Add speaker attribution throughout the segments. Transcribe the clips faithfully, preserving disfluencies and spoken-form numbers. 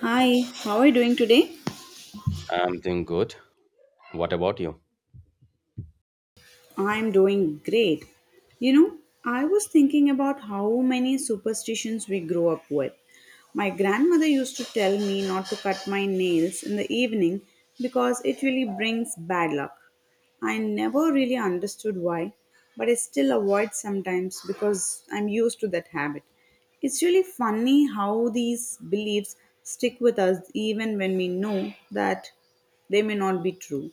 Speaker 1: Hi, how are you doing today?
Speaker 2: I'm doing good. What about you?
Speaker 1: I'm doing great. You know, I was thinking about how many superstitions we grow up with. My grandmother used to tell me not to cut my nails in the evening because it really brings bad luck. I never really understood why, but I still avoid sometimes because I'm used to that habit. It's really funny how these beliefs stick with us even when we know that they may not be true.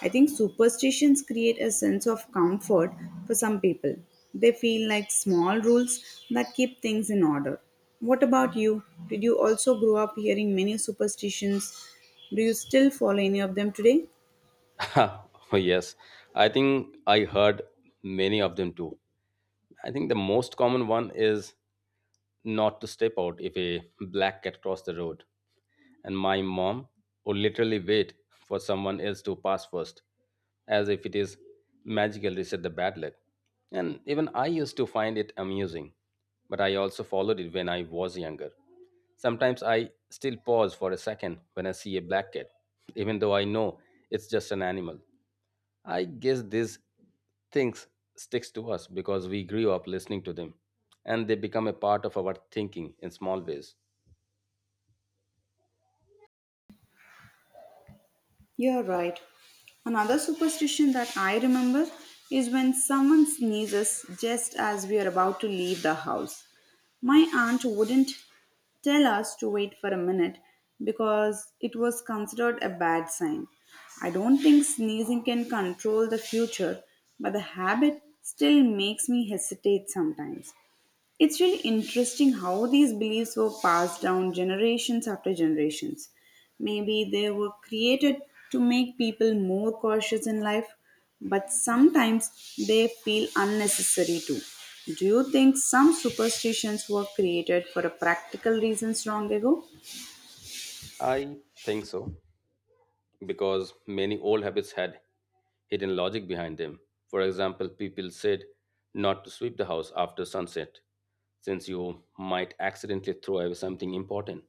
Speaker 1: I think superstitions create a sense of comfort for some people. They feel like small rules that keep things in order. What about you? Did you also grow up hearing many superstitions? Do you still follow any of them today?
Speaker 2: Oh, yes. I think I heard many of them too. I think the most common one is not to step out if a black cat crossed the road. And my mom would literally wait for someone else to pass first, as if it is magical reset the bad luck. And even I used to find it amusing, but I also followed it when I was younger. Sometimes I still pause for a second when I see a black cat, even though I know it's just an animal. I guess these things sticks to us because we grew up listening to them and they become a part of our thinking in small ways.
Speaker 1: You're right. Another superstition that I remember is when someone sneezes just as we are about to leave the house. My aunt wouldn't tell us to wait for a minute because it was considered a bad sign. I don't think sneezing can control the future, but the habit still makes me hesitate sometimes. It's really interesting how these beliefs were passed down generations after generations. Maybe they were created to make people more cautious in life, but sometimes they feel unnecessary too. Do you think some superstitions were created for a practical reasons long ago?
Speaker 2: I think so. Because many old habits had hidden logic behind them. For example, people said not to sweep the house after sunset, since you might accidentally throw away something important.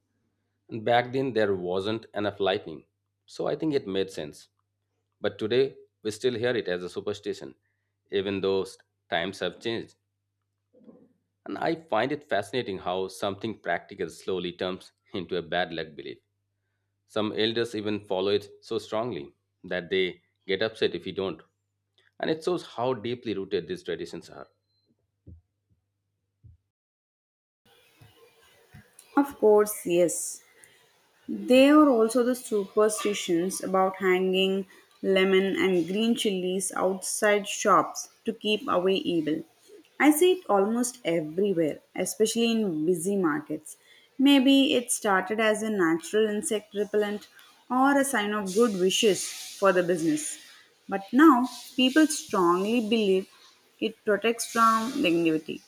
Speaker 2: And back then, there wasn't enough lightning, so I think it made sense. But today, we still hear it as a superstition, even though s- times have changed. And I find it fascinating how something practical slowly turns into a bad luck belief. Some elders even follow it so strongly that they get upset if you don't. And it shows how deeply rooted these traditions are.
Speaker 1: Of course, yes. There are also the superstitions about hanging lemon and green chilies outside shops to keep away evil. I see it almost everywhere, especially in busy markets. Maybe it started as a natural insect repellent or a sign of good wishes for the business. But now, people strongly believe it protects from negativity.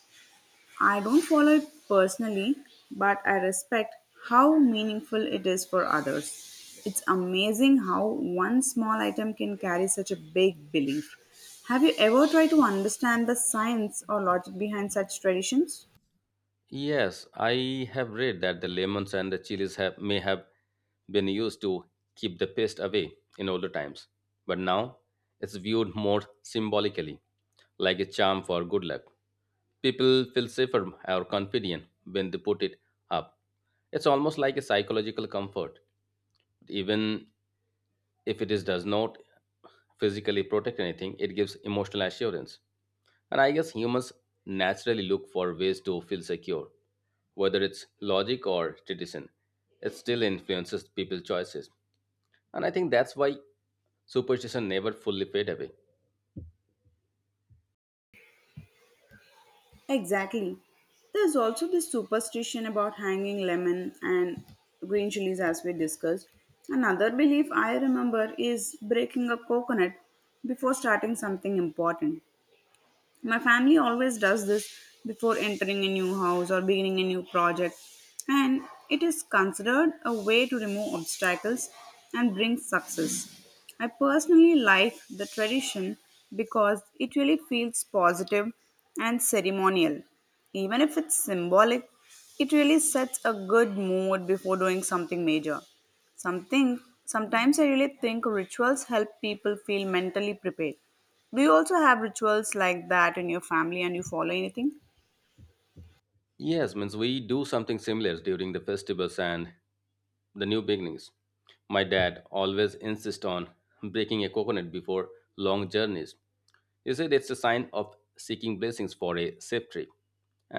Speaker 1: I don't follow it personally, but I respect how meaningful it is for others. It's amazing how one small item can carry such a big belief. Have you ever tried to understand the science or logic behind such traditions?
Speaker 2: Yes, I have read that the lemons and the chilies have, may have been used to keep the pest away in older times, but now it's viewed more symbolically, like a charm for good luck. People feel safer or confident when they put it up. It's almost like a psychological comfort. Even if it is does not physically protect anything, it gives emotional assurance. And I guess humans naturally look for ways to feel secure, whether it's logic or tradition. It still influences people's choices, and I think that's why superstition never fully fade away.
Speaker 1: Exactly. There's also this superstition about hanging lemon and green chilies, as we discussed. Another belief I remember is breaking a coconut before starting something important. My family always does this before entering a new house or beginning a new project, and it is considered a way to remove obstacles and bring success. I personally like the tradition because it really feels positive and ceremonial. Even if it's symbolic, it really sets a good mood before doing something major. Something sometimes I really think rituals help people feel mentally prepared. Do you also have rituals like that in your family and you follow anything?
Speaker 2: Yes, means we do something similar during the festivals and the new beginnings. My dad always insists on breaking a coconut before long journeys. He said it's a sign of seeking blessings for a safe trip.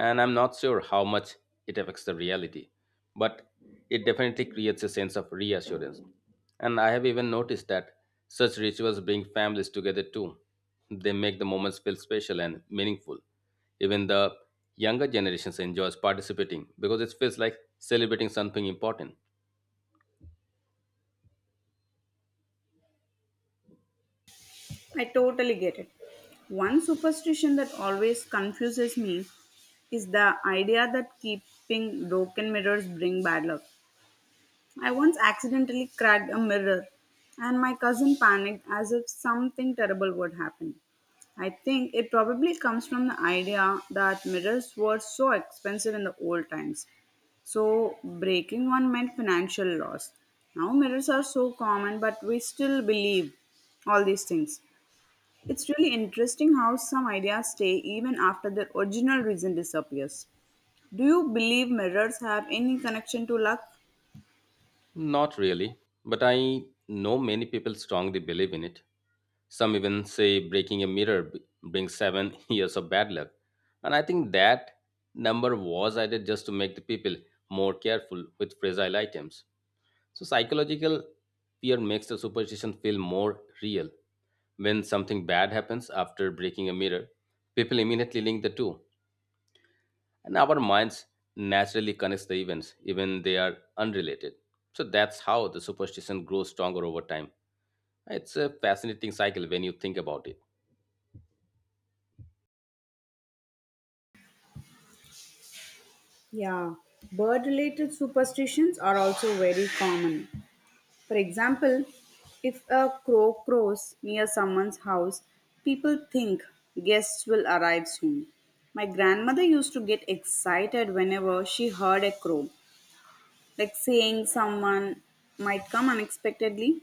Speaker 2: And I'm not sure how much it affects the reality, but it definitely creates a sense of reassurance. And I have even noticed that such rituals bring families together too. They make the moments feel special and meaningful. Even the younger generations enjoys participating because it feels like celebrating something important.
Speaker 1: I totally get it. One superstition that always confuses me is the idea that keeping broken mirrors bring bad luck. I once accidentally cracked a mirror, and my cousin panicked as if something terrible would happen. I think it probably comes from the idea that mirrors were so expensive in the old times. So, breaking one meant financial loss. Now, mirrors are so common, but we still believe all these things. It's really interesting how some ideas stay even after their original reason disappears. Do you believe mirrors have any connection to luck?
Speaker 2: Not really, but I know many people strongly believe in it. Some even say breaking a mirror b- brings seven years years of bad luck. And I think that number was added just to make the people more careful with fragile items. So, psychological fear makes the superstition feel more real. When something bad happens after breaking a mirror, people immediately link the two, and our minds naturally connects the events even they are unrelated. So that's how the superstition grows stronger over time. It's a fascinating cycle when you think about it.
Speaker 1: Yeah, bird related superstitions are also very common. For example, if a crow crows near someone's house, people think guests will arrive soon. My grandmother used to get excited whenever she heard a crow like saying someone might come unexpectedly.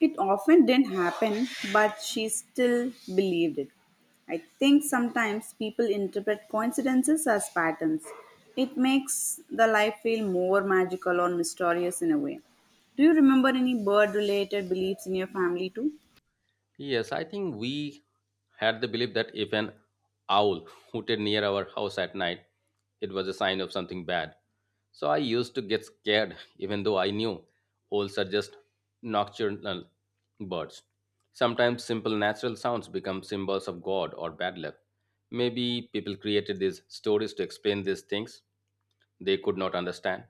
Speaker 1: It often didn't happen, but she still believed it. I think sometimes people interpret coincidences as patterns. It makes the life feel more magical or mysterious in a way. Do you remember any bird related beliefs in your family too?
Speaker 2: Yes, I think we had the belief that if an owl hooted near our house at night, it was a sign of something bad. So I used to get scared, even though I knew owls are just nocturnal birds. Sometimes simple natural sounds become symbols of God or bad luck. Maybe people created these stories to explain these things they could not understand.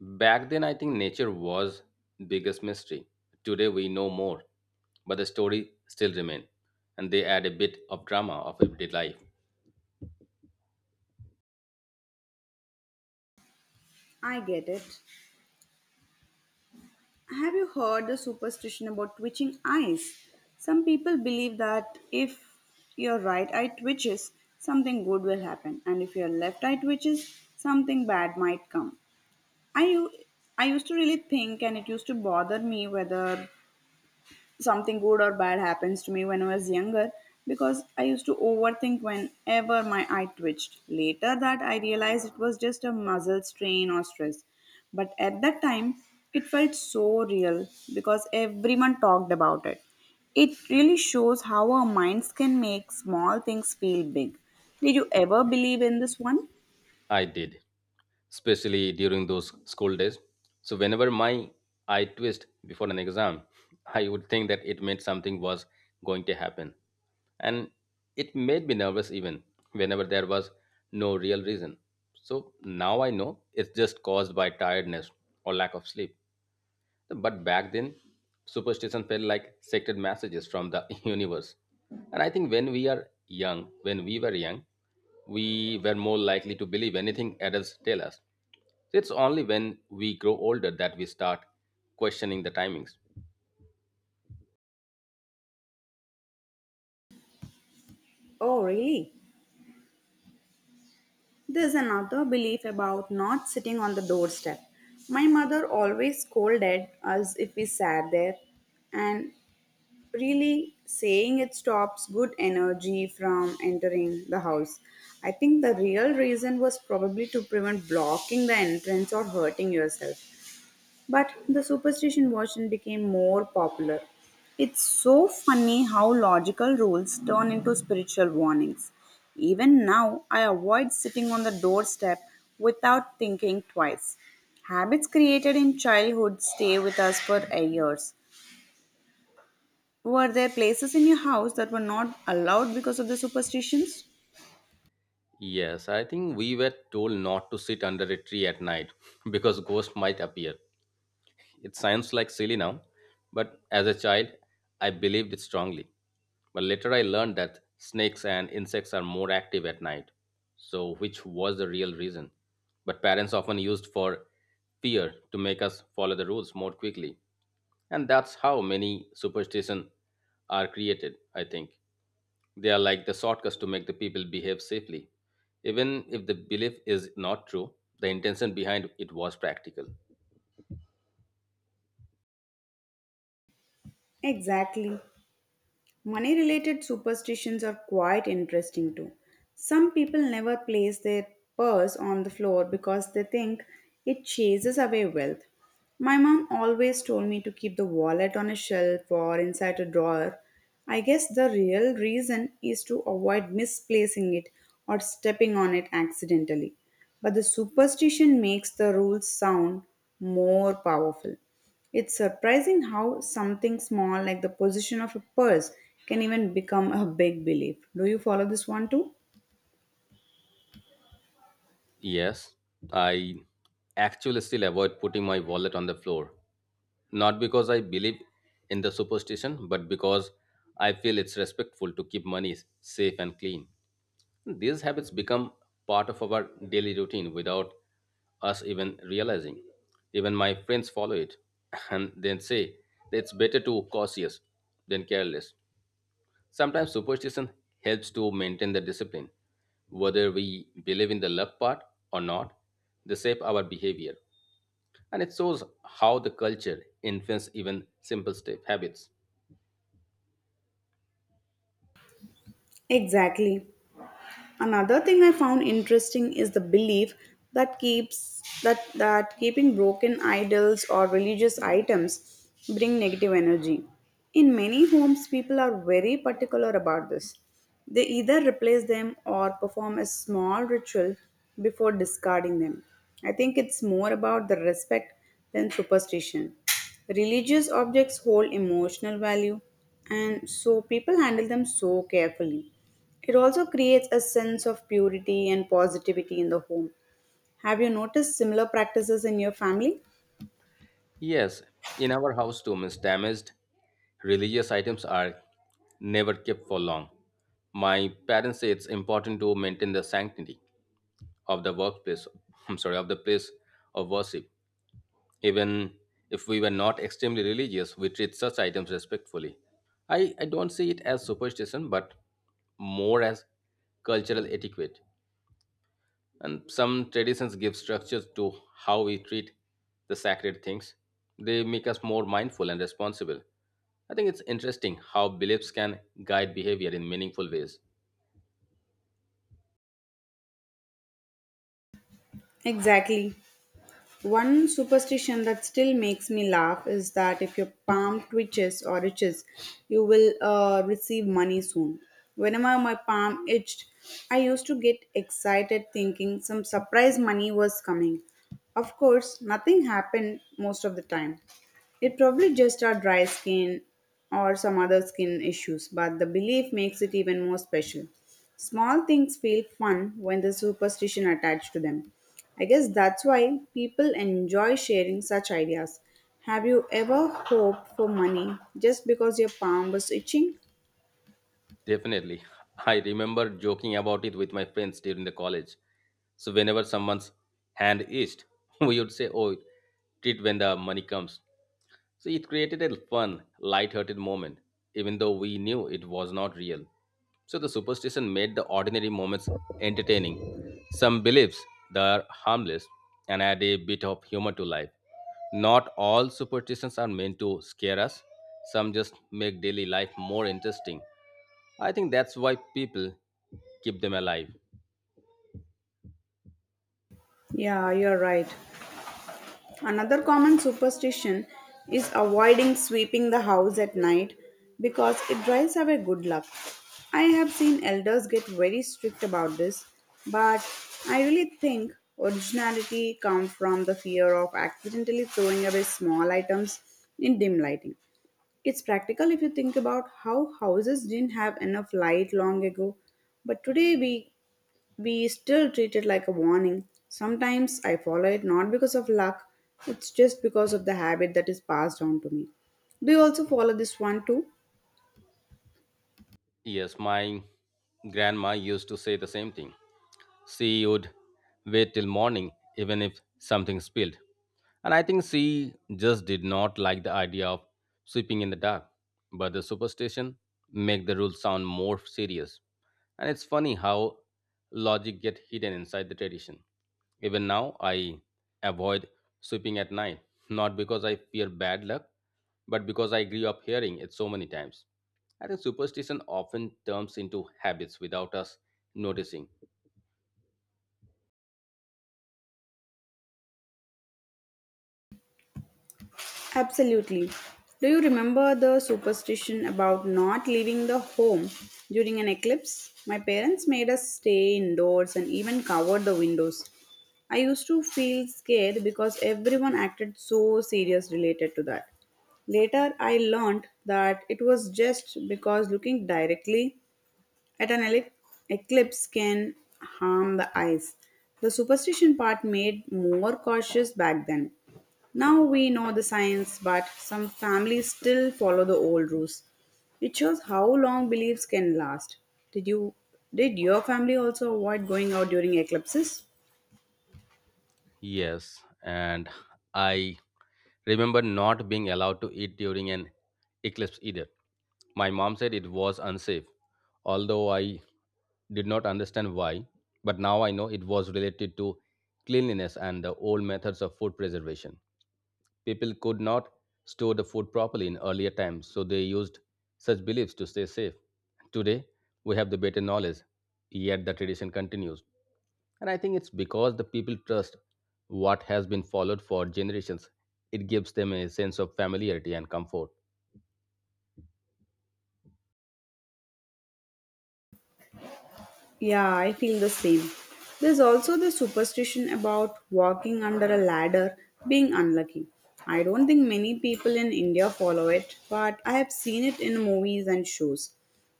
Speaker 2: Back then, I think nature was biggest mystery. Today we know more, but the story still remain, and they add a bit of drama of everyday life.
Speaker 1: I get it. Have you heard the superstition about twitching eyes? Some people believe that if your right eye twitches, something good will happen, and if your left eye twitches, something bad might come. I, u- I used to really think, and it used to bother me whether something good or bad happens to me when I was younger because I used to overthink whenever my eye twitched. Later that I realized it was just a muscle strain or stress. But at that time, it felt so real because everyone talked about it. It really shows how our minds can make small things feel big. Did you ever believe in this one?
Speaker 2: I did, especially during those school days. So whenever my eye twist before an exam, I would think that it meant something was going to happen, and it made me nervous even whenever there was no real reason. So now I know it's just caused by tiredness or lack of sleep. But back then, superstition felt like sacred messages from the universe. And I think when we are young, when we were young, we were more likely to believe anything adults tell us. It's only when we grow older that we start questioning the timings.
Speaker 1: Oh, really? There's another belief about not sitting on the doorstep. My mother always scolded us if we sat there, and really saying it stops good energy from entering the house. I think the real reason was probably to prevent blocking the entrance or hurting yourself. But the superstition version became more popular. It's so funny how logical rules turn into spiritual warnings. Even now, I avoid sitting on the doorstep without thinking twice. Habits created in childhood stay with us for years. Were there places in your house that were not allowed because of the superstitions?
Speaker 2: Yes, I think we were told not to sit under a tree at night because ghosts might appear. It sounds like silly now, but as a child, I believed it strongly. But later I learned that snakes and insects are more active at night. So, which was the real reason? But parents often used for fear to make us follow the rules more quickly. And that's how many superstitions are created, I think. They are like the shortcuts to make the people behave safely. Even if the belief is not true, the intention behind it was practical.
Speaker 1: Exactly. Money related superstitions are quite interesting too. Some people never place their purse on the floor because they think it chases away wealth. My mom always told me to keep the wallet on a shelf or inside a drawer. I guess the real reason is to avoid misplacing it or stepping on it accidentally. But the superstition makes the rules sound more powerful. It's surprising how something small, like the position of a purse, can even become a big belief. Do you follow this one too?
Speaker 2: Yes, I actually still avoid putting my wallet on the floor. Not because I believe in the superstition, but because I feel it's respectful to keep money safe and clean. These habits become part of our daily routine without us even realizing. Even my friends follow it and then say that it's better to cautious than careless. Sometimes superstition helps to maintain the discipline. Whether we believe in the love part or not, they shape our behavior. And it shows how the culture influences even simple step habits.
Speaker 1: Exactly. Another thing I found interesting is the belief that keeps that that keeping broken idols or religious items bring negative energy. In many homes, people are very particular about this. They either replace them or perform a small ritual before discarding them. I think it's more about the respect than superstition. Religious objects hold emotional value, and so people handle them so carefully. It also creates a sense of purity and positivity in the home. Have you noticed similar practices in your family?
Speaker 2: Yes, in our house too, means damaged religious items are never kept for long. My parents say it's important to maintain the sanctity of the workplace, I'm sorry, of the place of worship. Even if we were not extremely religious, we treat such items respectfully. I, I don't see it as superstition, but more as cultural etiquette. And some traditions give structure to how we treat the sacred things. They make us more mindful and responsible. I think it's interesting how beliefs can guide behavior in meaningful ways.
Speaker 1: Exactly. One superstition that still makes me laugh is that if your palm twitches or itches, you will uh, receive money soon. Whenever my palm itched, I used to get excited thinking some surprise money was coming. Of course, nothing happened most of the time. It probably just our dry skin or some other skin issues, but the belief makes it even more special. Small things feel fun when there's superstition attached to them. I guess that's why people enjoy sharing such ideas. Have you ever hoped for money just because your palm was itching?
Speaker 2: Definitely. I remember joking about it with my friends during the college. So whenever someone's hand itched, we would say, "Oh, treat when the money comes." So it created a fun, light-hearted moment, even though we knew it was not real. So the superstition made the ordinary moments entertaining. Some beliefs they are harmless and add a bit of humor to life. Not all superstitions are meant to scare us. Some just make daily life more interesting. I think that's why people keep them alive.
Speaker 1: Yeah, you're right. Another common superstition is avoiding sweeping the house at night because it drives away good luck. I have seen elders get very strict about this, but I really think originality comes from the fear of accidentally throwing away small items in dim lighting. It's practical if you think about how houses didn't have enough light long ago, but today we we still treat it like a warning. Sometimes I follow it not because of luck, it's just because of the habit that is passed on to me. Do you also follow this one too?
Speaker 2: Yes, my grandma used to say the same thing. She would wait till morning, even if something spilled. And I think she just did not like the idea of sweeping in the dark. But the superstition make the rules sound more serious. And it's funny how logic get hidden inside the tradition. Even now, I avoid sweeping at night, not because I fear bad luck, but because I grew up hearing it so many times. I think superstition often turns into habits without us noticing.
Speaker 1: Absolutely. Do you remember the superstition about not leaving the home during an eclipse? My parents made us stay indoors and even covered the windows. I used to feel scared because everyone acted so serious related to that. Later, I learned that it was just because looking directly at an ele- eclipse can harm the eyes. The superstition part made more cautious back then. Now we know the science, but some families still follow the old rules. It shows how long beliefs can last. Did you did your family also avoid going out during eclipses?
Speaker 2: Yes, and I remember not being allowed to eat during an eclipse either. My mom said it was unsafe, although I did not understand why. But now I know it was related to cleanliness and the old methods of food preservation. People could not store the food properly in earlier times, so they used such beliefs to stay safe. Today, we have the better knowledge, yet the tradition continues. And I think it's because the people trust what has been followed for generations. It gives them a sense of familiarity and comfort.
Speaker 1: Yeah, I feel the same. There's also the superstition about walking under a ladder being unlucky. I don't think many people in India follow it, but I have seen it in movies and shows.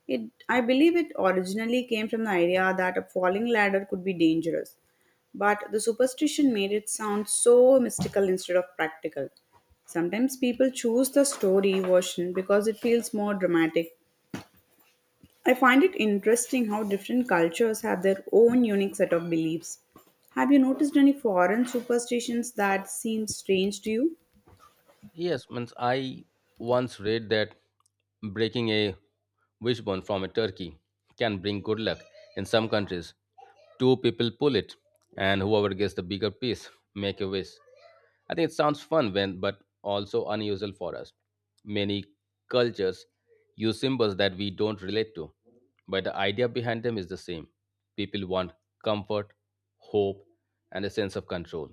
Speaker 1: It, I believe it originally came from the idea that a falling ladder could be dangerous, but the superstition made it sound so mystical instead of practical. Sometimes people choose the story version because it feels more dramatic. I find it interesting how different cultures have their own unique set of beliefs. Have you noticed any foreign superstitions that seem strange to you?
Speaker 2: Yes, means I once read that breaking a wishbone from a turkey can bring good luck in some countries. Two people pull it, and whoever gets the bigger piece, make a wish. I think it sounds fun when but also unusual for us. Many cultures use symbols that we don't relate to, but the idea behind them is the same. People want comfort, hope, and a sense of control.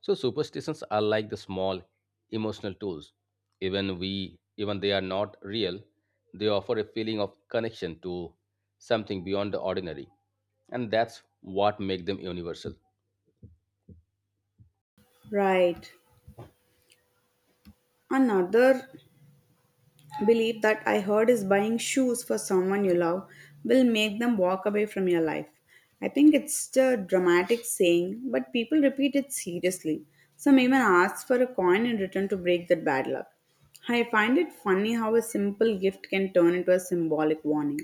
Speaker 2: So superstitions are like the small emotional tools. Even we even they are not real, they offer a feeling of connection to something beyond the ordinary. And that's what make them universal.
Speaker 1: Right. Another believe that I heard is buying shoes for someone you love will make them walk away from your life. I think it's a dramatic saying, but people repeat it seriously. Some even ask for a coin in return to break that bad luck. I find it funny how a simple gift can turn into a symbolic warning,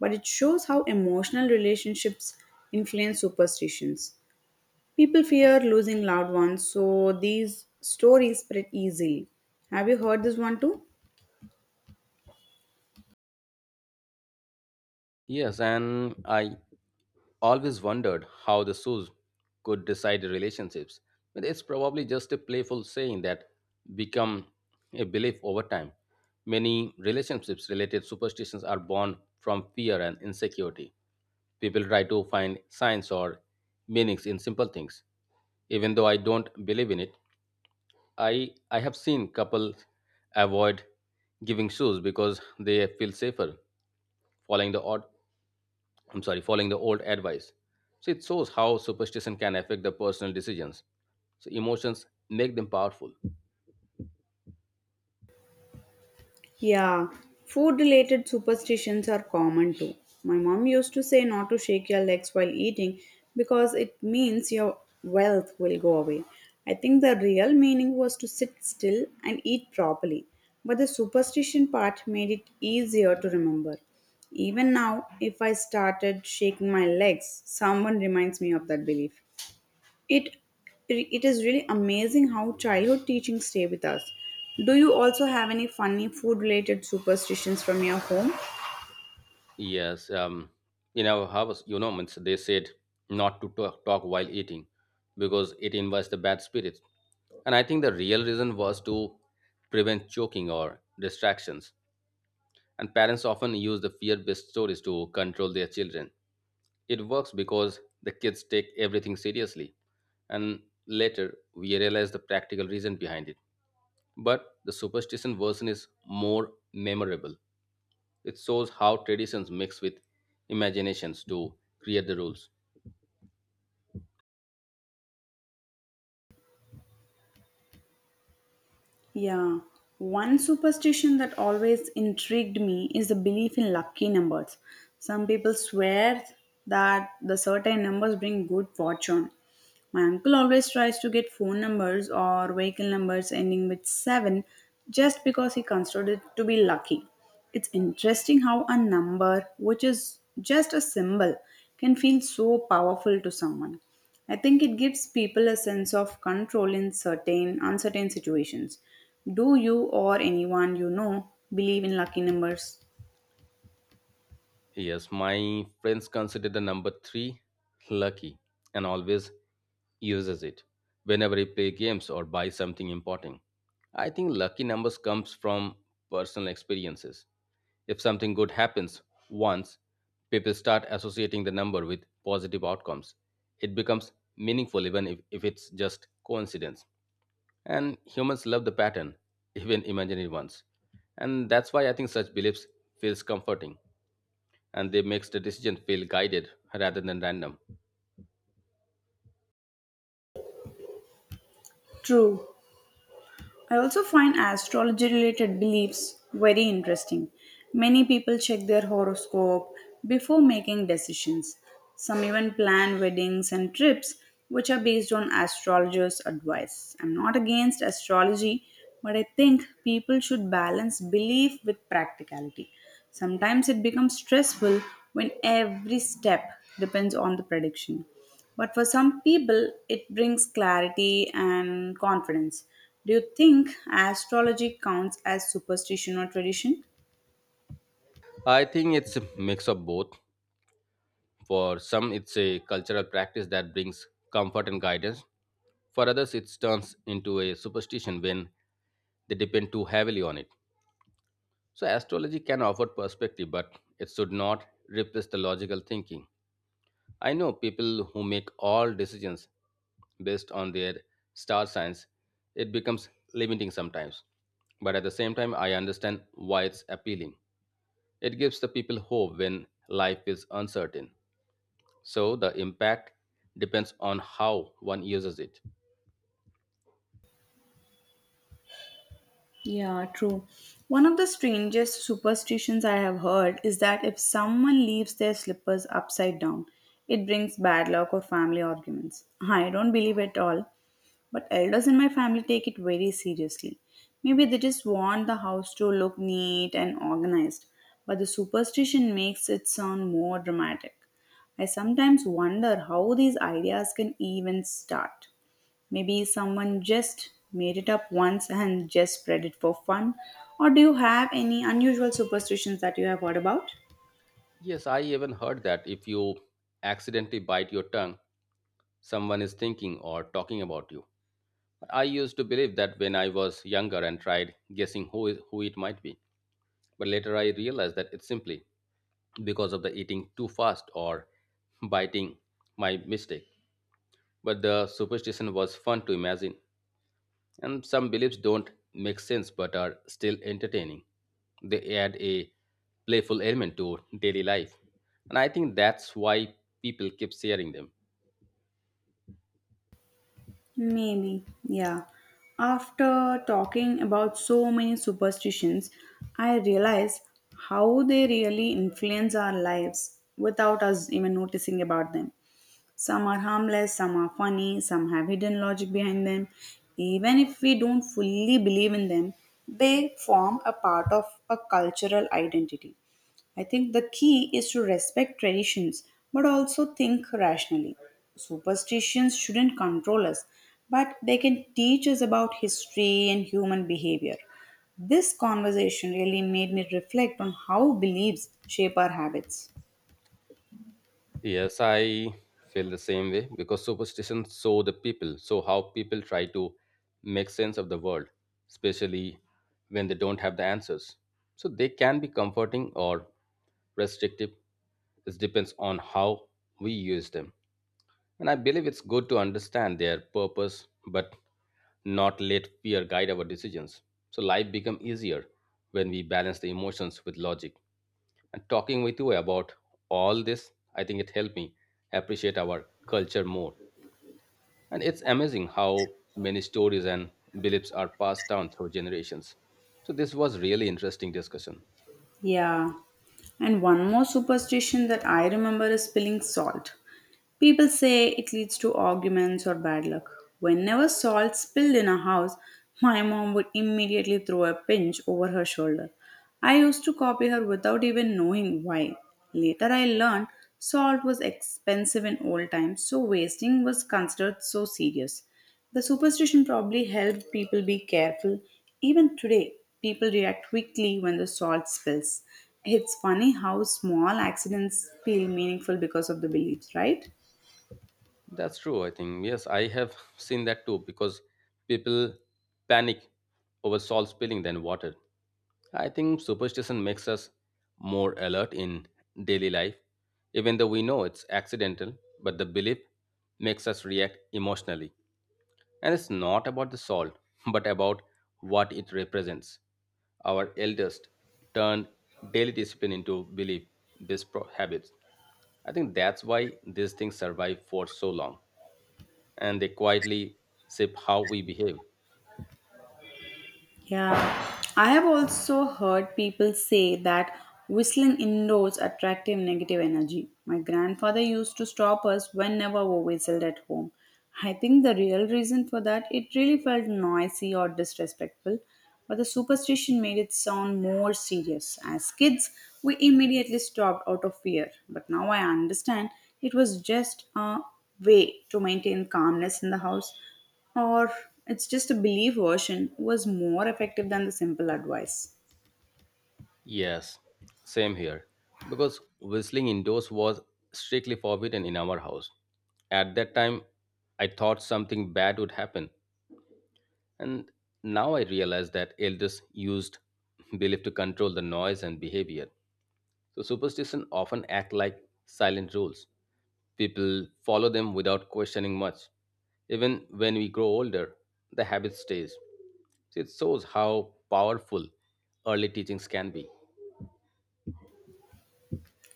Speaker 1: but it shows how emotional relationships influence superstitions. People fear losing loved ones, so these stories spread easily. Have you heard this one too?
Speaker 2: Yes, and I always wondered how the shoes could decide relationships. But it's probably just a playful saying that become a belief over time. Many relationships related superstitions are born from fear and insecurity. People try to find signs or meanings in simple things. Even though I don't believe in it, i i have seen couples avoid giving shoes because they feel safer following the odd, I'm sorry, following the old advice. So it shows how superstition can affect the personal decisions. So emotions make them powerful.
Speaker 1: Yeah, food related superstitions are common too. My mom used to say not to shake your legs while eating because it means your wealth will go away. I think the real meaning was to sit still and eat properly, but the superstition part made it easier to remember. Even now, if I started shaking my legs, someone reminds me of that belief. It it is really amazing how childhood teachings stay with us. Do you also have any funny food related superstitions from your home?
Speaker 2: Yes, um, in our house, you know, means they said not to talk, talk while eating because it invites the bad spirits. And I think the real reason was to prevent choking or distractions. And parents often use the fear based stories to control their children. It works because the kids take everything seriously. And later, we realize the practical reason behind it. But the superstition version is more memorable. It shows how traditions mix with imaginations to create the rules.
Speaker 1: Yeah. One superstition that always intrigued me is the belief in lucky numbers. Some people swear that the certain numbers bring good fortune. My uncle always tries to get phone numbers or vehicle numbers ending with seven just because he considered it to be lucky. It's interesting how a number, which is just a symbol, can feel so powerful to someone. I think it gives people a sense of control in certain uncertain situations. Do you or anyone you know believe in lucky numbers?
Speaker 2: Yes, my friends consider the number three lucky and always uses it whenever he play games or buy something important. I think lucky numbers comes from personal experiences. If something good happens once, people start associating the number with positive outcomes. It becomes meaningful even if, if it's just coincidence. And humans love the pattern, even imaginary ones. And that's why I think such beliefs feels comforting and they makes the decision feel guided rather than random.
Speaker 1: True. I also find astrology related beliefs very interesting. Many people check their horoscope before making decisions. Some even plan weddings and trips which are based on astrologers' advice. I'm not against astrology, but I think people should balance belief with practicality. Sometimes it becomes stressful when every step depends on the prediction. But for some people, it brings clarity and confidence. Do you think astrology counts as superstition or tradition?
Speaker 2: I think it's a mix of both. For some it's a cultural practice that brings comfort and guidance. For others it turns into a superstition when they depend too heavily on it. So astrology can offer perspective but it should not replace the logical thinking. I know people who make all decisions based on their star signs. It becomes limiting sometimes, but at the same time, I understand why it's appealing. It gives the people hope when life is uncertain. So the impact depends on how one uses it.
Speaker 1: Yeah, true. One of the strangest superstitions I have heard is that if someone leaves their slippers upside down, it brings bad luck or family arguments. I don't believe it all, but elders in my family take it very seriously. Maybe they just want the house to look neat and organized, but the superstition makes it sound more dramatic. I sometimes wonder how these ideas can even start. Maybe someone just made it up once and just spread it for fun. Or do you have any unusual superstitions that you have heard about?
Speaker 2: Yes, I even heard that if you accidentally bite your tongue, someone is thinking or talking about you. I used to believe that when I was younger and tried guessing who, who it might be. But later I realized that it's simply because of the eating too fast or biting my mistake. But the superstition was fun to imagine, and some beliefs don't make sense but are still entertaining. They add a playful element to daily life, and I think that's why people keep sharing them.
Speaker 1: Maybe, yeah. After talking about so many superstitions, I realize how they really influence our lives without us even noticing about them. Some are harmless, some are funny, some have hidden logic behind them. Even if we don't fully believe in them, they form a part of a cultural identity. I think the key is to respect traditions but also think rationally. Superstitions shouldn't control us, but they can teach us about history and human behavior. This conversation really made me reflect on how beliefs shape our habits.
Speaker 2: Yes, I feel the same way because superstition so the people, so how people try to make sense of the world, especially when they don't have the answers. So they can be comforting or restrictive. It depends on how we use them. And I believe it's good to understand their purpose, but not let fear guide our decisions. So life becomes easier when we balance the emotions with logic. And talking with you about all this, I think it helped me appreciate our culture more. And it's amazing how many stories and beliefs are passed down through generations. So this was really interesting discussion.
Speaker 1: Yeah. And one more superstition that I remember is spilling salt. People say it leads to arguments or bad luck. Whenever salt spilled in a house, my mom would immediately throw a pinch over her shoulder. I used to copy her without even knowing why. Later, I learned salt was expensive in old times, so wasting was considered so serious. The superstition probably helped people be careful. Even today, people react quickly when the salt spills. It's funny how small accidents feel meaningful because of the beliefs, right?
Speaker 2: That's true, I think. Yes, I have seen that too because people panic over salt spilling than water. I think superstition makes us more alert in daily life, even though we know it's accidental, but the belief makes us react emotionally. And it's not about the salt, but about what it represents. Our elders turned daily discipline into belief, these pro- habits. I think that's why these things survive for so long and they quietly shape how we behave.
Speaker 1: Yeah, I have also heard people say that whistling indoors attracts negative energy. My grandfather used to stop us whenever we whistled at home. I think the real reason for that it really felt noisy or disrespectful, but the superstition made it sound more serious. As kids, we immediately stopped out of fear, but now I understand it was just a way to maintain calmness in the house or it's just a belief version was more effective than the simple advice.
Speaker 2: Yes, same here. Because whistling indoors was strictly forbidden in our house. At that time, I thought something bad would happen. And now I realize that elders used belief to control the noise and behavior. So superstition often act like silent rules. People follow them without questioning much. Even when we grow older, the habit stays. So it shows how powerful early teachings can be.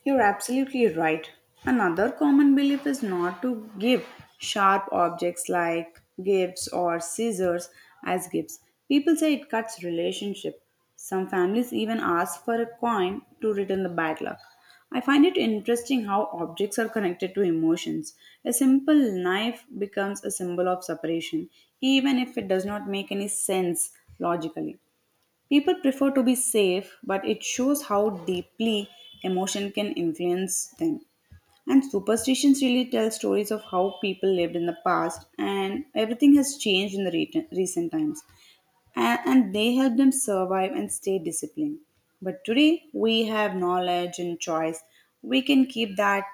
Speaker 1: You're absolutely right. Another common belief is not to give sharp objects like gifts or scissors as gifts. People say it cuts relationship. Some families even ask for a coin to return the bad luck. I find it interesting how objects are connected to emotions. A simple knife becomes a symbol of separation, even if it does not make any sense logically. People prefer to be safe, but it shows how deeply emotion can influence them. And superstitions really tell stories of how people lived in the past, and everything has changed in the re- recent times. And, and they help them survive and stay disciplined. But today, we have knowledge and choice. We can keep that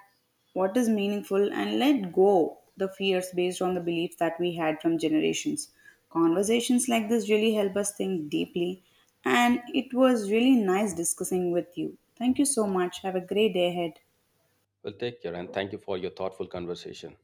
Speaker 1: what is meaningful and let go the fears based on the beliefs that we had from generations. Conversations like this really help us think deeply, and it was really nice discussing with you. Thank you so much. Have a great day ahead.
Speaker 2: Well, take care and thank you for your thoughtful conversation.